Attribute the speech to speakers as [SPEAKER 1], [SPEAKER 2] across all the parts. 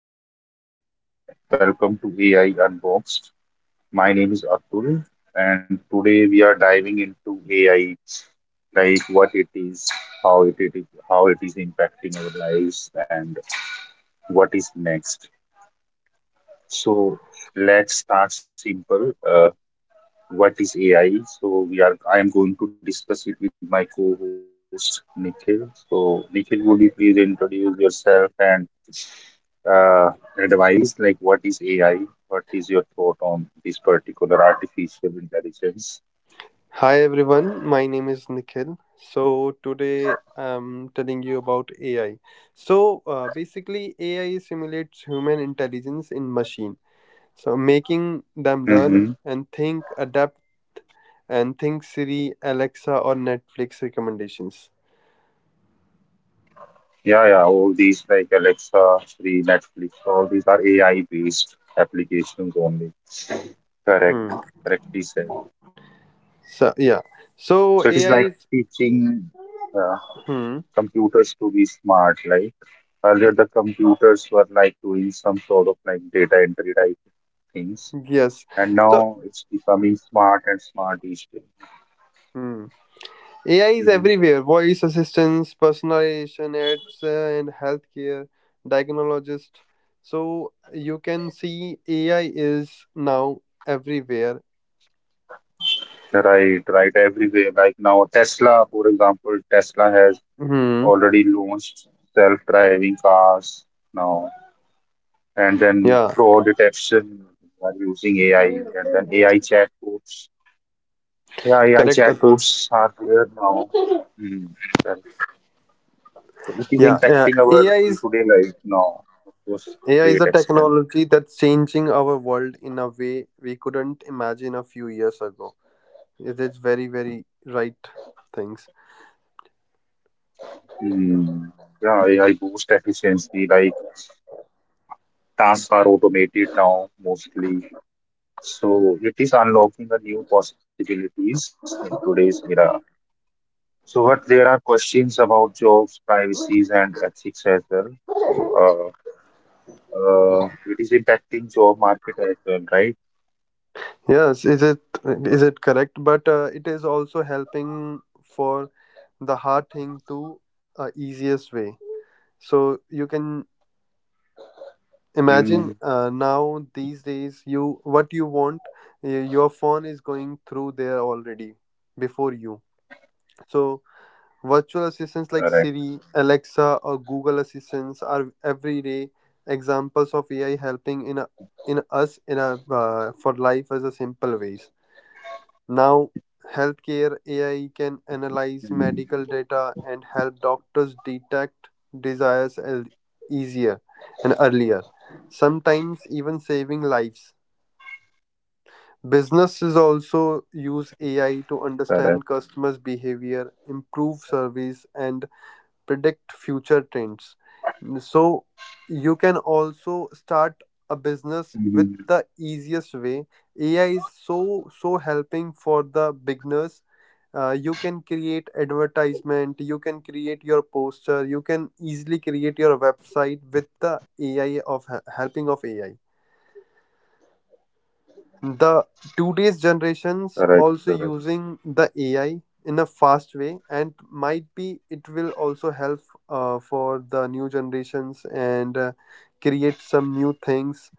[SPEAKER 1] Hey listeners, welcome to AI Unboxed. My name is Atul, and today we are diving into AI, like what it is, how it is impacting our lives, and what is next. So let's start simple. What is AI. So we are I am going to discuss it with my co-host Nikhil. So Nikhil, would you please introduce yourself and uh, advise like what is AI? What is your thought on this particular artificial intelligence?
[SPEAKER 2] Hi everyone, my name is Nikhil. So today I'm telling you about AI. So basically, AI simulates human intelligence in machine, so making them learn
[SPEAKER 1] Mm-hmm.
[SPEAKER 2] and think, adapt, and think Siri, Alexa, or Netflix recommendations.
[SPEAKER 1] Yeah, yeah. All these like Alexa, Siri, Netflix, all these are AI-based applications only.
[SPEAKER 2] Hmm.
[SPEAKER 1] Correct, correctly said.
[SPEAKER 2] So yeah.
[SPEAKER 1] So it
[SPEAKER 2] So
[SPEAKER 1] is
[SPEAKER 2] AI
[SPEAKER 1] like
[SPEAKER 2] is.
[SPEAKER 1] teaching, uh,
[SPEAKER 2] Hmm.
[SPEAKER 1] computers to be smart. Like earlier, the computers were like doing some sort of like data entry type things,
[SPEAKER 2] Yes.
[SPEAKER 1] and
[SPEAKER 2] So.
[SPEAKER 1] now it's becoming smart and smart each day.
[SPEAKER 2] Hmm. AI is
[SPEAKER 1] Mhm.
[SPEAKER 2] everywhere voice assistants, personalization ads, and healthcare, diagnologists. So you can see AI is now everywhere.
[SPEAKER 1] Right, right. Everywhere, like now, Tesla, for example, Tesla has
[SPEAKER 2] Hmm.
[SPEAKER 1] already launched self-driving cars now, and
[SPEAKER 2] Yeah,
[SPEAKER 1] then fraud detection are using AI, and then AI chatbots. Yeah, AI
[SPEAKER 2] correct, Atul.
[SPEAKER 1] chatbots are there now. Mm. So this is
[SPEAKER 2] Yeah, yeah.
[SPEAKER 1] impacting
[SPEAKER 2] AI
[SPEAKER 1] our
[SPEAKER 2] is
[SPEAKER 1] day-to-day life now, of
[SPEAKER 2] AI
[SPEAKER 1] course,
[SPEAKER 2] is a
[SPEAKER 1] great
[SPEAKER 2] technology
[SPEAKER 1] extent.
[SPEAKER 2] that's changing our world in a way we couldn't imagine a few years ago. It is very, very right things.
[SPEAKER 1] Hmm. Yeah, AI boost efficiency, like tasks are automated now mostly. So it is unlocking the new possibilities in today's era. So but there are questions about jobs, privacies, and ethics as well. So it is impacting job market as well, right?
[SPEAKER 2] Yes, is it correct? But it is also helping for the hard thing to easiest way, so you can imagine
[SPEAKER 1] Hmm.
[SPEAKER 2] now these days you what you want, your phone is going through there already before you. So virtual assistants like
[SPEAKER 1] Correct.
[SPEAKER 2] Siri, Alexa, or Google assistants are everyday examples of AI helping in a, in us in a for life as a simple ways. Now, healthcare AI can
[SPEAKER 1] Hmm.
[SPEAKER 2] analyze medical data and help doctors detect desires, easier and earlier, sometimes even saving lives. Businesses also use AI to understand customers' behavior, improve service, and predict future trends. So, you can also start
[SPEAKER 1] Correct.
[SPEAKER 2] a business with the easiest way. AI is so helping for the beginners. You can create advertisement, you can create your poster, you can easily create your website with the AI of helping of AI. The today's generations also using the AI in a fast way, and might be it will also help for the new generations, and create some new things.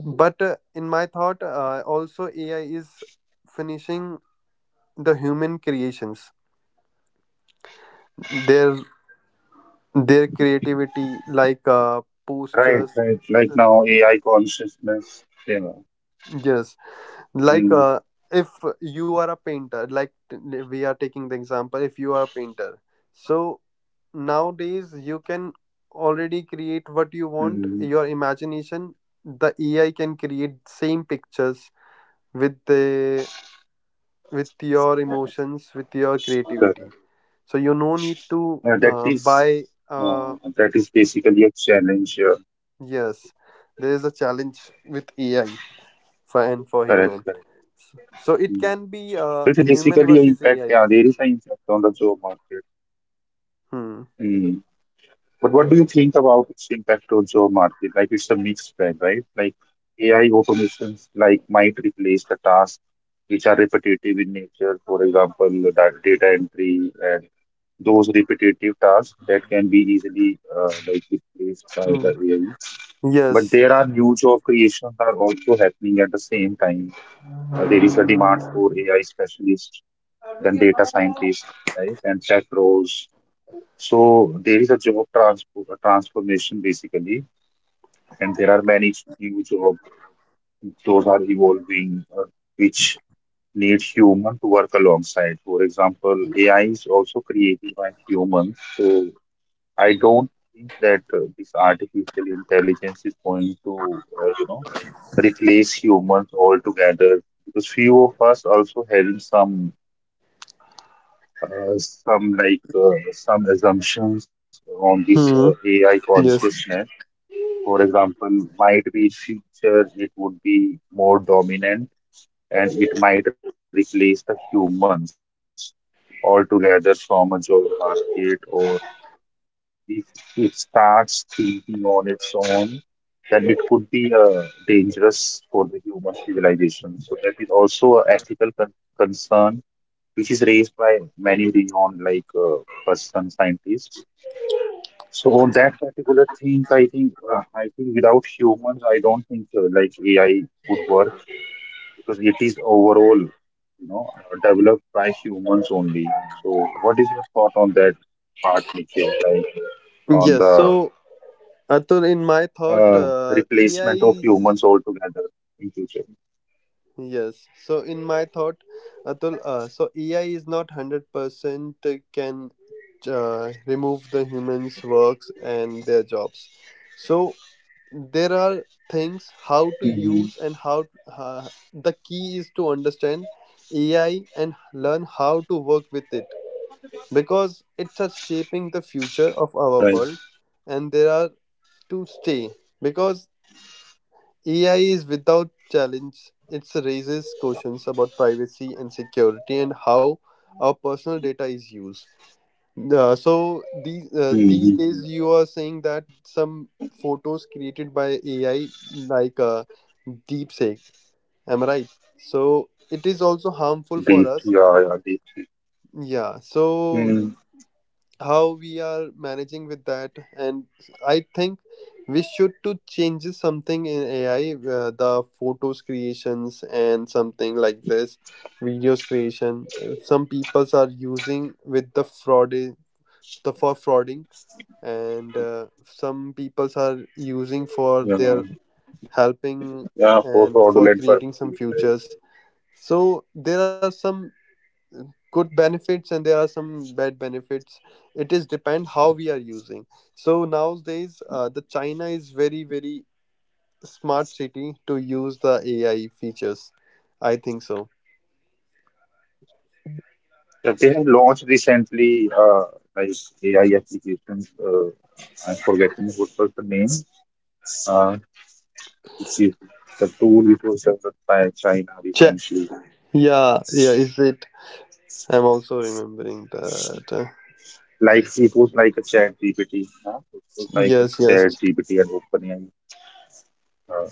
[SPEAKER 2] But in my thought, also AI is finishing the human creations there, their creativity like
[SPEAKER 1] Right, right.
[SPEAKER 2] postures.
[SPEAKER 1] Right now, AI consciousness. Yeah.
[SPEAKER 2] Yes, like
[SPEAKER 1] Mm,
[SPEAKER 2] if you are a painter, like we are taking the example, if you are a painter, so nowadays you can already create what you
[SPEAKER 1] mm.
[SPEAKER 2] want, your imagination, the AI can create same pictures with the with your emotions, with your
[SPEAKER 1] Correct.
[SPEAKER 2] creativity. So you no need to
[SPEAKER 1] Uh, that is,
[SPEAKER 2] buy uh,
[SPEAKER 1] that is basically a challenge here.
[SPEAKER 2] yes. There is a challenge with AI for and for human.
[SPEAKER 1] Correct, correct.
[SPEAKER 2] So it can
[SPEAKER 1] Mm.
[SPEAKER 2] be
[SPEAKER 1] So
[SPEAKER 2] human
[SPEAKER 1] it's
[SPEAKER 2] versus
[SPEAKER 1] basically an
[SPEAKER 2] AI.
[SPEAKER 1] impact. Yeah, there is an impact on the job market. Mm.
[SPEAKER 2] Hmm.
[SPEAKER 1] But what do you think about its impact on job market? Like it's a mixed bag, right? Like AI automations like might replace the tasks which are repetitive in nature, for example, data entry and those repetitive tasks that can be easily like replaced by
[SPEAKER 2] Hmm.
[SPEAKER 1] the AI.
[SPEAKER 2] Yes.
[SPEAKER 1] But there are new job creations are also happening at the same time. There is a demand for AI specialists, then data scientists, right, and tech roles. So there is a job transfer, transformation basically, and there are many new jobs. Those are evolving, which need human to work alongside. For example, AI is also created by humans. So I don't think that this artificial intelligence is going to, replace humans altogether because few of us also having some assumptions on this
[SPEAKER 2] Hmm.
[SPEAKER 1] AI
[SPEAKER 2] Yes.
[SPEAKER 1] consciousness. For example, might be in future it would be more dominant and it might replace the humans altogether from a job market, or if it starts thinking on its own, then it could be dangerous for the human civilization. So that is also an ethical concern which is raised by many renowned like person scientists. So on that particular thing, I think without humans, I don't think like AI would work because it is overall developed by humans only. So what is your thought on that part, Nikhil? Like on
[SPEAKER 2] Yes.
[SPEAKER 1] the
[SPEAKER 2] So Atul, in my thought, AI
[SPEAKER 1] replacement of
[SPEAKER 2] is
[SPEAKER 1] humans altogether in future.
[SPEAKER 2] yes. So in my thought, Atul, so AI is not 100% can remove the humans' works and their jobs. So there are things how to use and
[SPEAKER 1] Hmm.
[SPEAKER 2] how the key is to understand AI and learn how to work with it because it's a shaping the future of
[SPEAKER 1] Right.
[SPEAKER 2] our world, and there are to stay because AI is without challenge. It raises questions about privacy and security and how our personal data is used. So these these
[SPEAKER 1] Hmm.
[SPEAKER 2] days you are saying that some photos created by AI like Deepfake, am I right? So it is also harmful for
[SPEAKER 1] Deep,
[SPEAKER 2] us.
[SPEAKER 1] yeah, yeah, deep.
[SPEAKER 2] Yeah. So
[SPEAKER 1] Mm.
[SPEAKER 2] how we are managing with that, and I think we should to changes something in AI, the photos creations and something like this, videos creation. Some peoples are using with the fraud, the for frauding, and some peoples are using for their
[SPEAKER 1] Yeah,
[SPEAKER 2] helping
[SPEAKER 1] yeah, for
[SPEAKER 2] and for
[SPEAKER 1] fraudulent
[SPEAKER 2] creating some
[SPEAKER 1] purposes. Right.
[SPEAKER 2] futures. So there are some good benefits and there are some bad benefits. It is depend how we are using. So nowadays, the China is very very smart city to use the AI features. I think so.
[SPEAKER 1] But they have launched recently like AI applications. I'm forgetting what was the name. Uh, which is the tool which was developed by China
[SPEAKER 2] Ch-
[SPEAKER 1] recently.
[SPEAKER 2] yeah, yeah. Is it? I'm also remembering that.
[SPEAKER 1] Like it was like a chat GPT. Huh? It was like a
[SPEAKER 2] Yes,
[SPEAKER 1] chat
[SPEAKER 2] yes,
[SPEAKER 1] GPT and OpenAI. uh,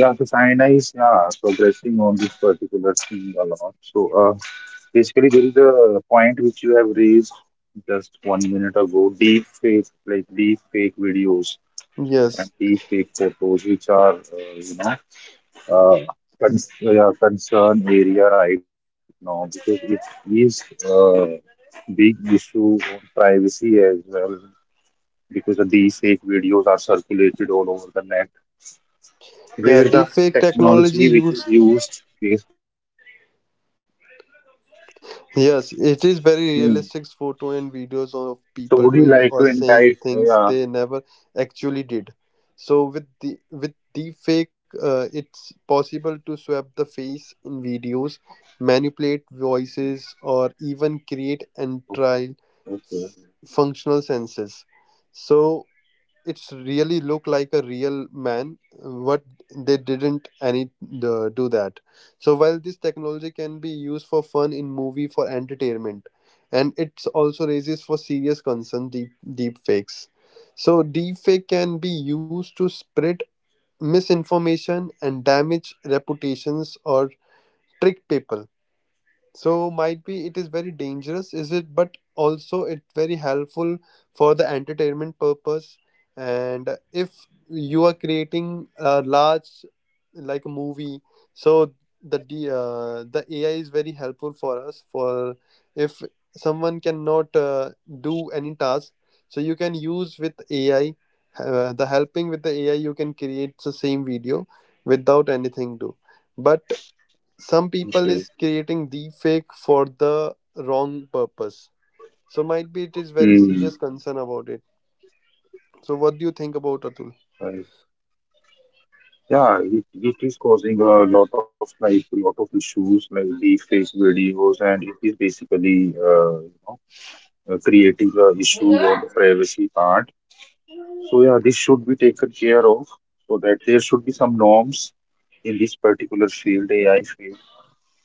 [SPEAKER 1] Yeah, so China is, yeah, progressing on this particular thing a lot. So basically, there is a point which you have raised just 1 minute ago. Deep fake, like deep fake videos and
[SPEAKER 2] yes.
[SPEAKER 1] deep fake photos, which are, uh, yeah, concern area right now because it is a big issue on privacy as well because the deep fake videos are circulated all over the net where the
[SPEAKER 2] Yeah,
[SPEAKER 1] technology
[SPEAKER 2] deepfake
[SPEAKER 1] which is
[SPEAKER 2] technology
[SPEAKER 1] used
[SPEAKER 2] used.
[SPEAKER 1] based on AI only. So yeah, this would.
[SPEAKER 2] Yes, it is very
[SPEAKER 1] Hmm.
[SPEAKER 2] realistic photo and videos of
[SPEAKER 1] So
[SPEAKER 2] people
[SPEAKER 1] would you
[SPEAKER 2] doing
[SPEAKER 1] like
[SPEAKER 2] or
[SPEAKER 1] to
[SPEAKER 2] saying
[SPEAKER 1] entice?
[SPEAKER 2] things
[SPEAKER 1] Yeah.
[SPEAKER 2] they never actually did. So with deepfake, it's possible to swap the face in videos, manipulate voices, or even create and trial functional senses. So it's really look like a real man, but they didn't any do that. So while this technology can be used for fun in movie for entertainment, and it also raises for serious concern deep fakes. So deep fake can be used to spread misinformation and damage reputations or trick people. So might be it is very dangerous, is it? But also it's very helpful for the entertainment purpose. And if you are creating a large like a movie, so the AI is very helpful for us. For if someone cannot do any task, so you can use with AI the helping with the AI. You can create the same video without anything do. But some people is
[SPEAKER 1] Okay.
[SPEAKER 2] creating deepfake for the wrong purpose. So might be it is very serious
[SPEAKER 1] Hmm.
[SPEAKER 2] concern about it. So what do you think about, Atul?
[SPEAKER 1] Uh, yeah, it is causing a lot of issues like deepfake videos, and it is basically creating a issue on the privacy part. So yeah, this should be taken care of so that there should be some norms in this particular field, AI,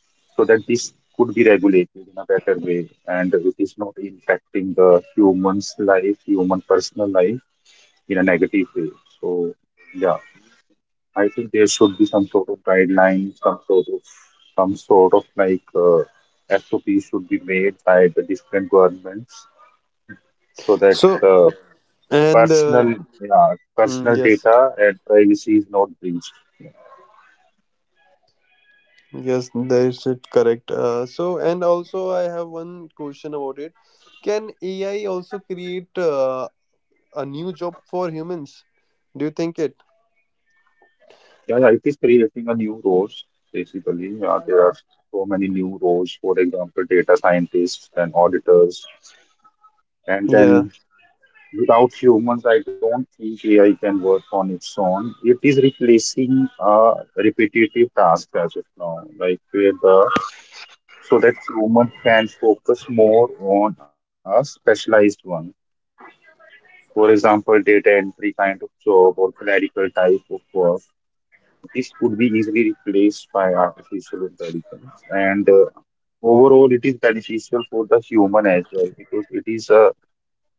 [SPEAKER 1] so that this could be regulated in a better way and it is not impacting the human's life, human personal life, in a negative way. So yeah. I think there should be some sort of guidelines, some sort of some sort of like uh, SOP should be made by the different governments so that
[SPEAKER 2] So and
[SPEAKER 1] personal yeah,
[SPEAKER 2] mm,
[SPEAKER 1] personal
[SPEAKER 2] yes,
[SPEAKER 1] data and privacy is not breached. Yeah,
[SPEAKER 2] yes, that is it correct. So and also I have one question about it. Can AI also create a new job for humans? Do you think it?
[SPEAKER 1] yeah, yeah, it creating a new roles basically. Yeah, there are so many new roles, for example, data scientists and auditors, and
[SPEAKER 2] Yeah.
[SPEAKER 1] then, without humans, I don't think AI can work on its own. It is replacing a repetitive task as of now, like where the so that humans can focus more on a specialized one. For example, data entry kind of job or clerical type of work. This could be easily replaced by artificial intelligence, and overall, it is beneficial for the human as well because it is a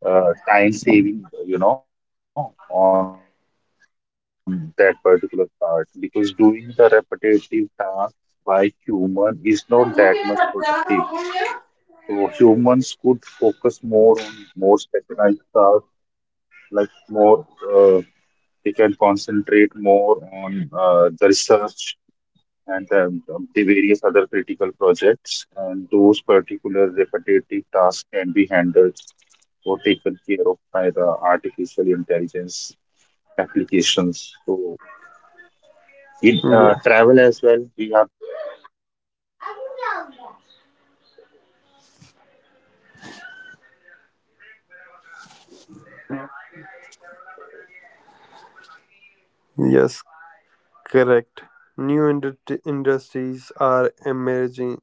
[SPEAKER 1] time saving, on that particular part because doing the repetitive tasks by human is not that much productive. So humans could focus more on more specialized tasks, like more uh, they can concentrate more on the research and the various other critical projects, and those particular repetitive tasks can be handled or taken care of by the artificial intelligence applications. So in
[SPEAKER 2] Yeah.
[SPEAKER 1] travel as well, we are both working in a travel.
[SPEAKER 2] Yes, correct. New industries are emerging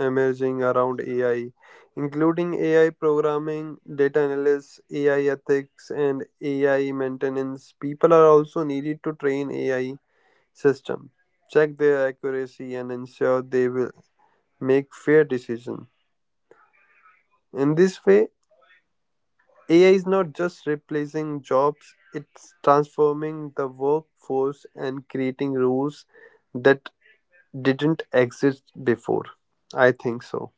[SPEAKER 2] emerging around AI, including AI programming, data analysis, AI ethics, and AI maintenance. People are also needed to train AI system, check their accuracy, and ensure they will make fair decision. In this way, AI is not just replacing jobs; it's transforming the workforce and creating rules that didn't exist before. I think so.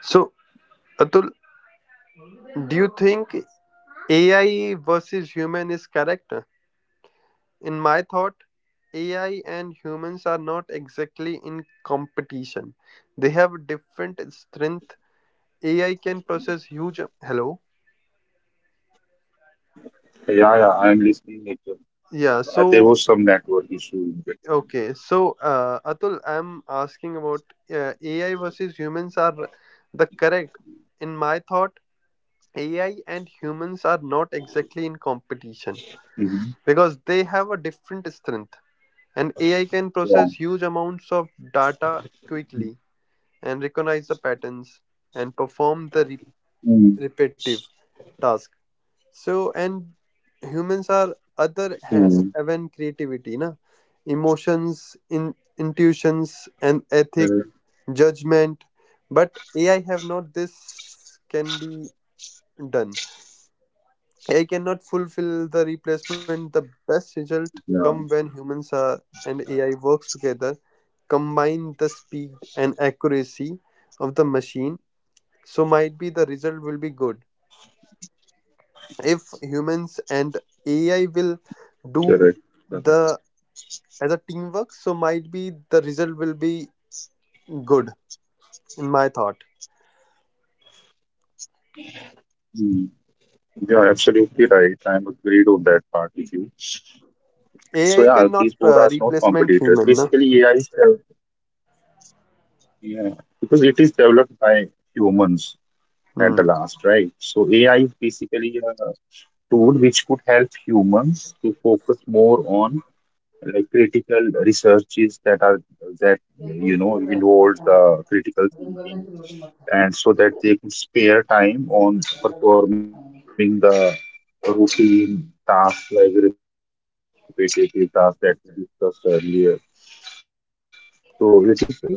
[SPEAKER 2] So, Atul, do you think AI versus human is correct? In my thought, AI and humans are not exactly in competition. They have different strength. AI can process huge. Hello.
[SPEAKER 1] Yeah, yeah, I'm listening, Nikhil.
[SPEAKER 2] Yeah.
[SPEAKER 1] There
[SPEAKER 2] So
[SPEAKER 1] was some network issue in between.
[SPEAKER 2] okay. So Atul, I'm asking about AI versus humans are the correct. In my thought, AI and humans are not exactly in
[SPEAKER 1] Mm-hmm.
[SPEAKER 2] competition because they have a different strength.
[SPEAKER 1] Yeah.
[SPEAKER 2] And AI can process huge amounts of data quickly and recognize the patterns and perform the
[SPEAKER 1] Mm.
[SPEAKER 2] repetitive task. So, and humans are
[SPEAKER 1] Mm.
[SPEAKER 2] other hand even creativity, na? Emotions, in, intuitions,
[SPEAKER 1] Uh,
[SPEAKER 2] and ethic, judgment. But AI have not this can be done. AI cannot fulfill the replacement. The
[SPEAKER 1] Yeah,
[SPEAKER 2] best result come when humans are and AI works together, combine the speed and accuracy of the machine. So might be the result will be good. If humans and
[SPEAKER 1] correct,
[SPEAKER 2] AI
[SPEAKER 1] correct.
[SPEAKER 2] will do the as a teamwork, so might be the result will be good, in my thought.
[SPEAKER 1] Mm. Yeah, absolutely right. I'm agreed on that part with you. So yeah, these both
[SPEAKER 2] AI
[SPEAKER 1] are not
[SPEAKER 2] cannot
[SPEAKER 1] competitors.
[SPEAKER 2] replacement
[SPEAKER 1] Basically, AI
[SPEAKER 2] human,
[SPEAKER 1] is
[SPEAKER 2] na?
[SPEAKER 1] yeah, because it is developed by humans at the
[SPEAKER 2] Hmm.
[SPEAKER 1] last, right? So AI is basically a tool which could help humans to focus more on like critical researches that involves critical thinking, and so that they could spare time on performing the routine tasks like repetitive tasks that we discussed earlier, so it is giving us a time to focus more on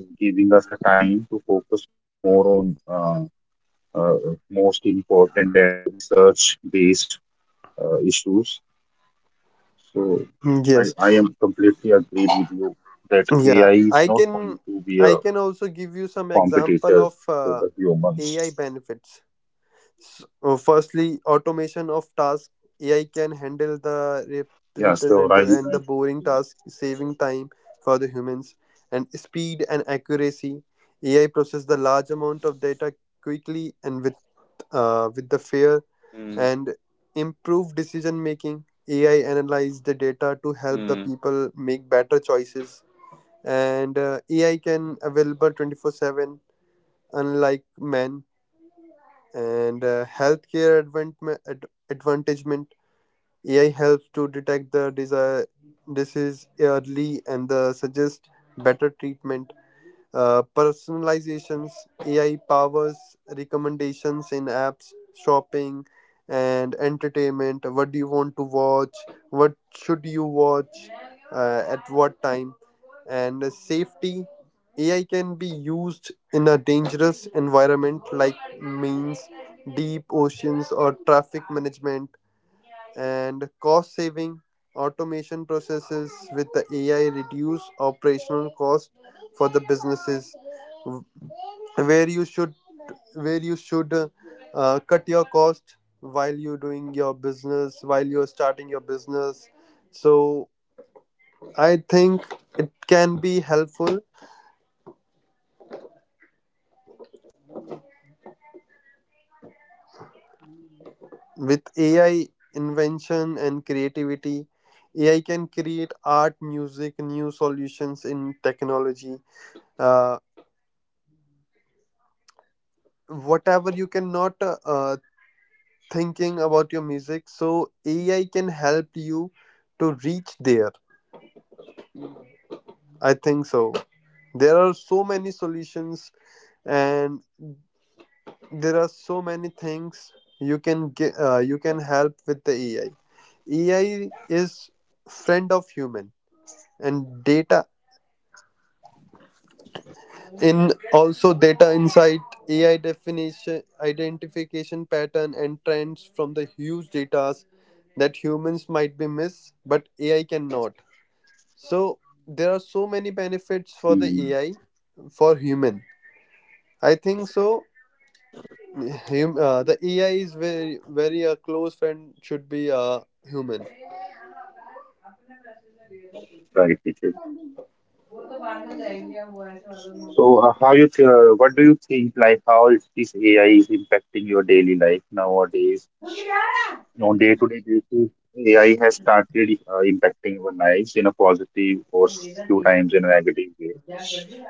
[SPEAKER 1] uh, most important and research based issues. So I,
[SPEAKER 2] Hmm,
[SPEAKER 1] I
[SPEAKER 2] yes.
[SPEAKER 1] am completely agreed with you that AI
[SPEAKER 2] Yeah,
[SPEAKER 1] is
[SPEAKER 2] I
[SPEAKER 1] not going
[SPEAKER 2] can
[SPEAKER 1] to be a
[SPEAKER 2] I can also give you some example
[SPEAKER 1] competitors
[SPEAKER 2] of
[SPEAKER 1] to the humans.
[SPEAKER 2] AI benefits. So, firstly, automation of task. AI can handle the
[SPEAKER 1] Yeah, so right,
[SPEAKER 2] representative and the boring
[SPEAKER 1] right.
[SPEAKER 2] task, saving time for the humans and speed and accuracy. AI process the large amount of data quickly and with the fair and improve decision making. AI analyze the data to help the people make better choices, and AI can available 24/7 unlike men, and healthcare advantagement, AI helps to detect the desire disease early and the suggest better treatment. Personalizations, AI powers recommendations in apps, shopping, and entertainment. What do you want to watch? What should you watch? At what time? And safety. AI can be used in a dangerous environment like means deep oceans or traffic management and cost saving automation processes with the AI reduce operational cost for the businesses, where you should where you should cut your cost while you're doing your business while you're starting your business. So I think it can be helpful with AI invention and creativity. AI can create art, music, new solutions in technology. Uh, Whatever you cannot thinking about your music, so AI can help you to reach there, I think so. There are so many solutions and there are so many things you can get, you can help with the AI. AI is friend of human, and data, in also data insight, AI definition identification pattern and trends from the huge datas that humans might be miss but AI cannot. So there are so many
[SPEAKER 1] Mm.
[SPEAKER 2] benefits for the AI for human, I think so. The AI is very very a close friend should be a human.
[SPEAKER 1] Right, Richard. So, how you th what do you think? Like, how is this AI is impacting your daily life nowadays? On day-to-day basis, AI has started impacting our lives in a positive or few times in a negative way.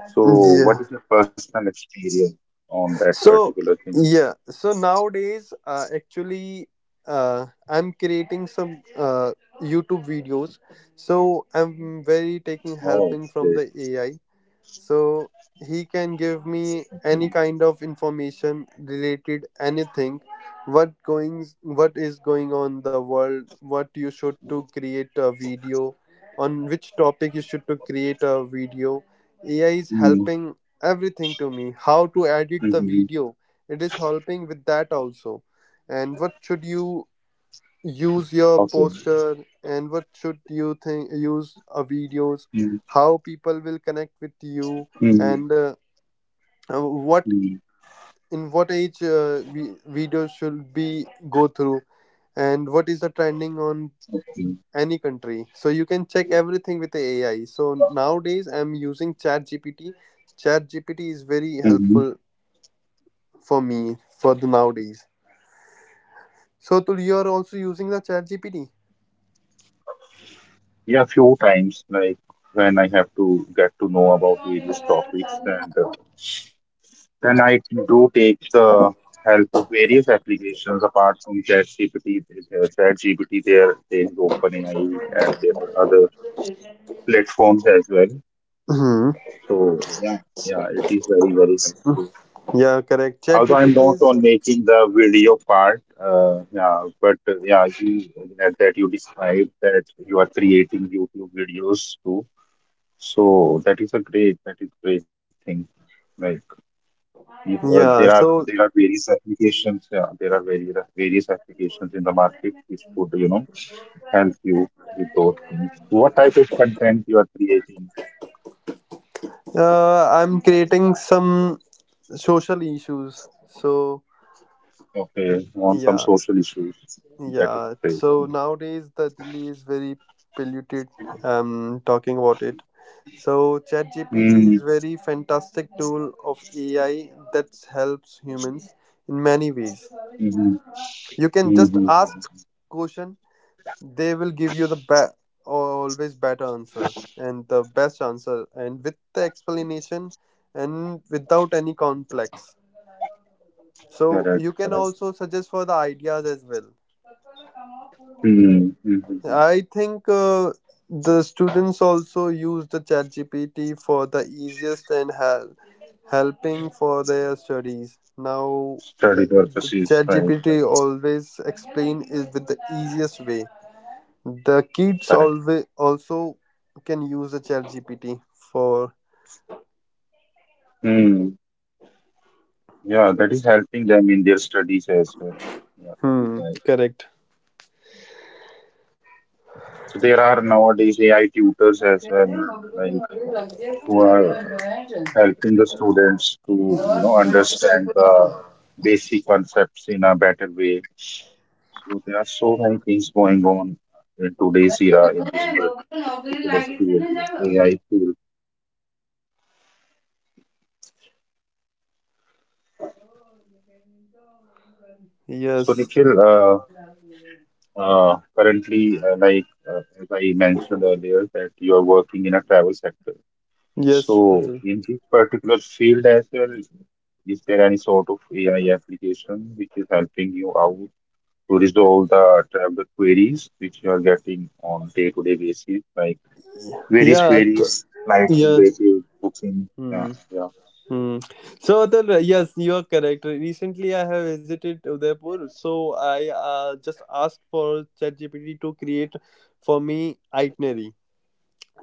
[SPEAKER 1] So, what
[SPEAKER 2] Yeah.
[SPEAKER 1] is your personal experience on that particular
[SPEAKER 2] So
[SPEAKER 1] thing?
[SPEAKER 2] yeah, so nowadays, actually, I'm creating some YouTube videos. So I'm very taking
[SPEAKER 1] Oh,
[SPEAKER 2] helping
[SPEAKER 1] great.
[SPEAKER 2] from the AI, so he can give me any kind of information related anything, what going what is going on in the world, what you should to create a video, on which topic you should to create
[SPEAKER 1] Mm-hmm.
[SPEAKER 2] a video. AI is helping everything to me, how to edit the video, it is helping with that also, and what should you
[SPEAKER 1] Okay.
[SPEAKER 2] use your poster, and what should you think use
[SPEAKER 1] Mm,
[SPEAKER 2] videos, how people will connect
[SPEAKER 1] mhm. Okay. Mm,
[SPEAKER 2] with
[SPEAKER 1] mm,
[SPEAKER 2] you, and
[SPEAKER 1] mm,
[SPEAKER 2] what in what age we, videos should be go through, and what is the trending on
[SPEAKER 1] okay.
[SPEAKER 2] any country. So you can check everything with the AI. So nowadays I'm using chat gpt is very
[SPEAKER 1] Mhm.
[SPEAKER 2] helpful for me for the nowadays. So Tul, you are also using the chat gpt
[SPEAKER 1] Yeah, few times, like when I have to get to know about various topics, and then I do take the help of various applications apart from ChatGPT. ChatGPT, there is OpenAI, and there are other platforms as well.
[SPEAKER 2] hmm.
[SPEAKER 1] So yeah, yeah, it is very very helpful.
[SPEAKER 2] Yeah, correct. Chat
[SPEAKER 1] Although I'm
[SPEAKER 2] GPT
[SPEAKER 1] not
[SPEAKER 2] is
[SPEAKER 1] on making the video part, yeah, but yeah, you that you described that you are creating YouTube videos too. So that is a great, that is great thing. Like there
[SPEAKER 2] yeah.
[SPEAKER 1] are
[SPEAKER 2] So
[SPEAKER 1] various applications. There are various applications in the market which could help you with those things. What type of content you are creating?
[SPEAKER 2] I'm creating some social issues. So
[SPEAKER 1] Okay, on some
[SPEAKER 2] yeah.
[SPEAKER 1] social issues. That is
[SPEAKER 2] Yeah,
[SPEAKER 1] great.
[SPEAKER 2] so nowadays the Delhi is very polluted. Talking about it, so ChatGPT is
[SPEAKER 1] Mm-hmm.
[SPEAKER 2] very fantastic tool of AI that helps humans in many ways.
[SPEAKER 1] Mm-hmm.
[SPEAKER 2] You can just
[SPEAKER 1] Mm-hmm.
[SPEAKER 2] ask question; they will give you the always better answer and the best answer, and with the explanation and without any complex. So
[SPEAKER 1] Correct.
[SPEAKER 2] you can
[SPEAKER 1] Correct.
[SPEAKER 2] also suggest for the ideas as well.
[SPEAKER 1] Mm-hmm.
[SPEAKER 2] I think the students also use the ChatGPT for the easiest and helping for their studies. Now
[SPEAKER 1] Study
[SPEAKER 2] the
[SPEAKER 1] purposes. Right.
[SPEAKER 2] ChatGPT
[SPEAKER 1] Right.
[SPEAKER 2] always explain is with the easiest way. The kids
[SPEAKER 1] Correct.
[SPEAKER 2] always also can use the ChatGPT for
[SPEAKER 1] Mm. Yeah, that is helping them in their studies as well. Yeah, that is
[SPEAKER 2] hmm
[SPEAKER 1] right.
[SPEAKER 2] correct.
[SPEAKER 1] So there are nowadays AI tutors as well, like who are helping the students to,
[SPEAKER 2] और नहीं तो कोई
[SPEAKER 1] understand
[SPEAKER 2] कोई
[SPEAKER 1] the basic concepts in a better way. So there are so many things going on in today's era in this
[SPEAKER 2] नहीं
[SPEAKER 1] particular field, AI
[SPEAKER 2] करेगा।
[SPEAKER 1] field. So
[SPEAKER 2] Yes.
[SPEAKER 1] Nikhil, currently, like as I mentioned earlier, that you are working in a travel sector.
[SPEAKER 2] Yes,
[SPEAKER 1] So,
[SPEAKER 2] Atul.
[SPEAKER 1] in this particular field as well, is there any sort of AI application which is helping you out to resolve the traveler queries which you are getting on day-to-day basis, like various
[SPEAKER 2] Yeah.
[SPEAKER 1] queries, like
[SPEAKER 2] Yeah.
[SPEAKER 1] related booking?
[SPEAKER 2] Hmm.
[SPEAKER 1] Yeah, yeah.
[SPEAKER 2] Hmm. So Atul, yes, you are correct. Recently, I have visited Udaipur, so I just asked for ChatGPT to create for me itinerary.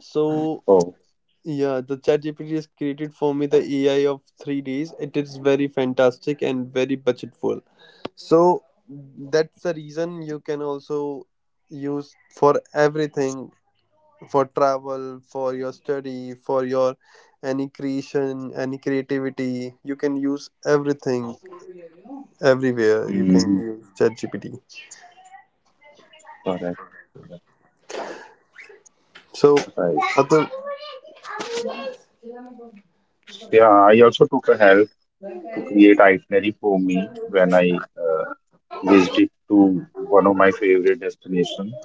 [SPEAKER 2] So
[SPEAKER 1] Oh,
[SPEAKER 2] yeah, the ChatGPT has created for me the AI of 3 days. It is very fantastic and very budgetful. So that's the reason you can also use for everything for travel, for your study, for your any creation, any creativity. You can use everything everywhere. You can
[SPEAKER 1] mm-hmm.
[SPEAKER 2] use ChatGPT.
[SPEAKER 1] Correct. Correct,
[SPEAKER 2] So,
[SPEAKER 1] right.
[SPEAKER 2] Atul,
[SPEAKER 1] Yeah, I also took a help to create itinerary for me when I visited to one of my favorite destinations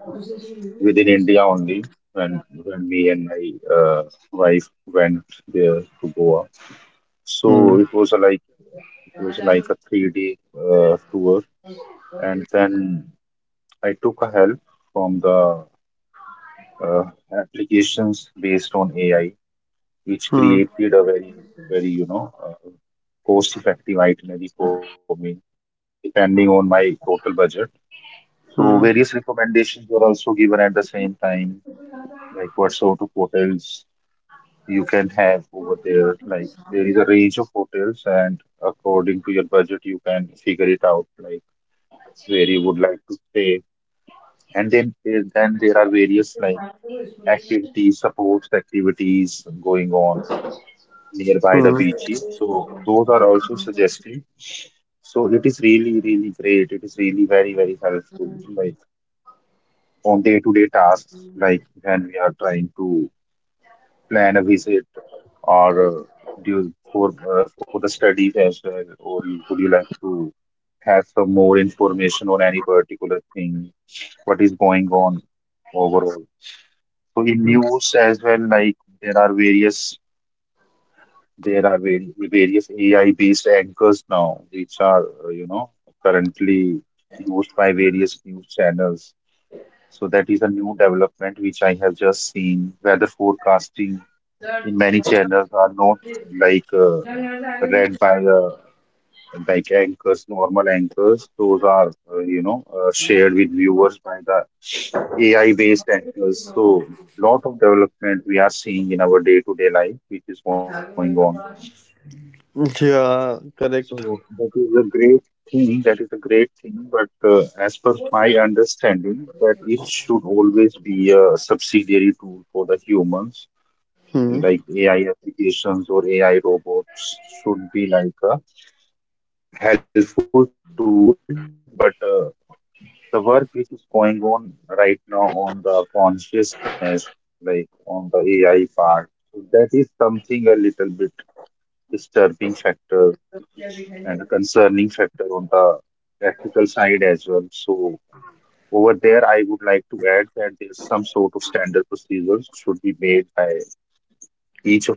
[SPEAKER 1] within India only, when me and my wife went there to Goa. So it was a like it was like
[SPEAKER 2] hmm,
[SPEAKER 1] a 3-day tour, and then I took a help from the uh, applications based on AI, which
[SPEAKER 2] hmm,
[SPEAKER 1] created a very very cost effective itinerary for me depending on my total budget. So various recommendations were also given at the same time, like what sort of hotels you can have over there. Like there is a range of hotels, and according to your budget, you can figure it out, like where you would like to stay. And then there are various like
[SPEAKER 2] hmm,
[SPEAKER 1] activities, supports activities going on nearby the
[SPEAKER 2] hmm.
[SPEAKER 1] beaches. So those are also suggested. So it is really, really great. It is really very, very helpful, like on day-to-day tasks, like when we are trying to plan a visit or do you, for the studies as well, or you, would you like to have some more information on any particular thing, what is going on overall? So in news as well, like there are various there are vari- various AI based anchors now, which are currently used by various news channels. So that is a new development which I have just seen. Weather forecasting.
[SPEAKER 2] Yeah,
[SPEAKER 1] Many channels are not like read by like anchors, normal anchors. Those are shared with viewers by the AI-based anchors. So lot of development we are seeing in our day-to-day life, which is going on. So
[SPEAKER 2] correct.
[SPEAKER 1] that is a great thing. That is a great thing. But as per my understanding, that it should always be a subsidiary tool for the humans
[SPEAKER 2] Hmm.
[SPEAKER 1] like AI applications or AI robots should be like a helpful tool, but the work which is going on right now on the consciousness, like on the AI part, so that is something a little bit disturbing factor and a concerning factor on the ethical side as well. So over there, I would like to add that there's some sort of standard procedures should be made by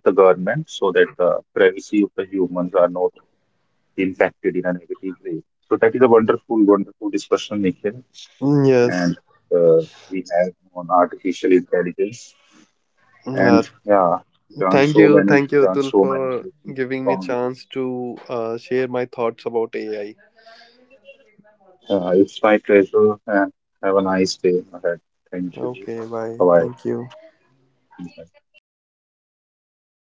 [SPEAKER 1] each of the government so that the privacy of the humans are not impacted. So that is a wonderful, wonderful discussion, Nikhil. And
[SPEAKER 2] Yes.
[SPEAKER 1] uh, we have on artificial intelligence,
[SPEAKER 2] Uh,
[SPEAKER 1] and yeah,
[SPEAKER 2] Thank you, thank you,
[SPEAKER 1] learned
[SPEAKER 2] Atul,
[SPEAKER 1] so
[SPEAKER 2] for
[SPEAKER 1] many things
[SPEAKER 2] giving me
[SPEAKER 1] from you.
[SPEAKER 2] chance to share my thoughts about AI.
[SPEAKER 1] It's my pleasure, and have a nice day ahead. Thank you.
[SPEAKER 2] Okay, bye.
[SPEAKER 1] Bye bye.
[SPEAKER 2] Thank you.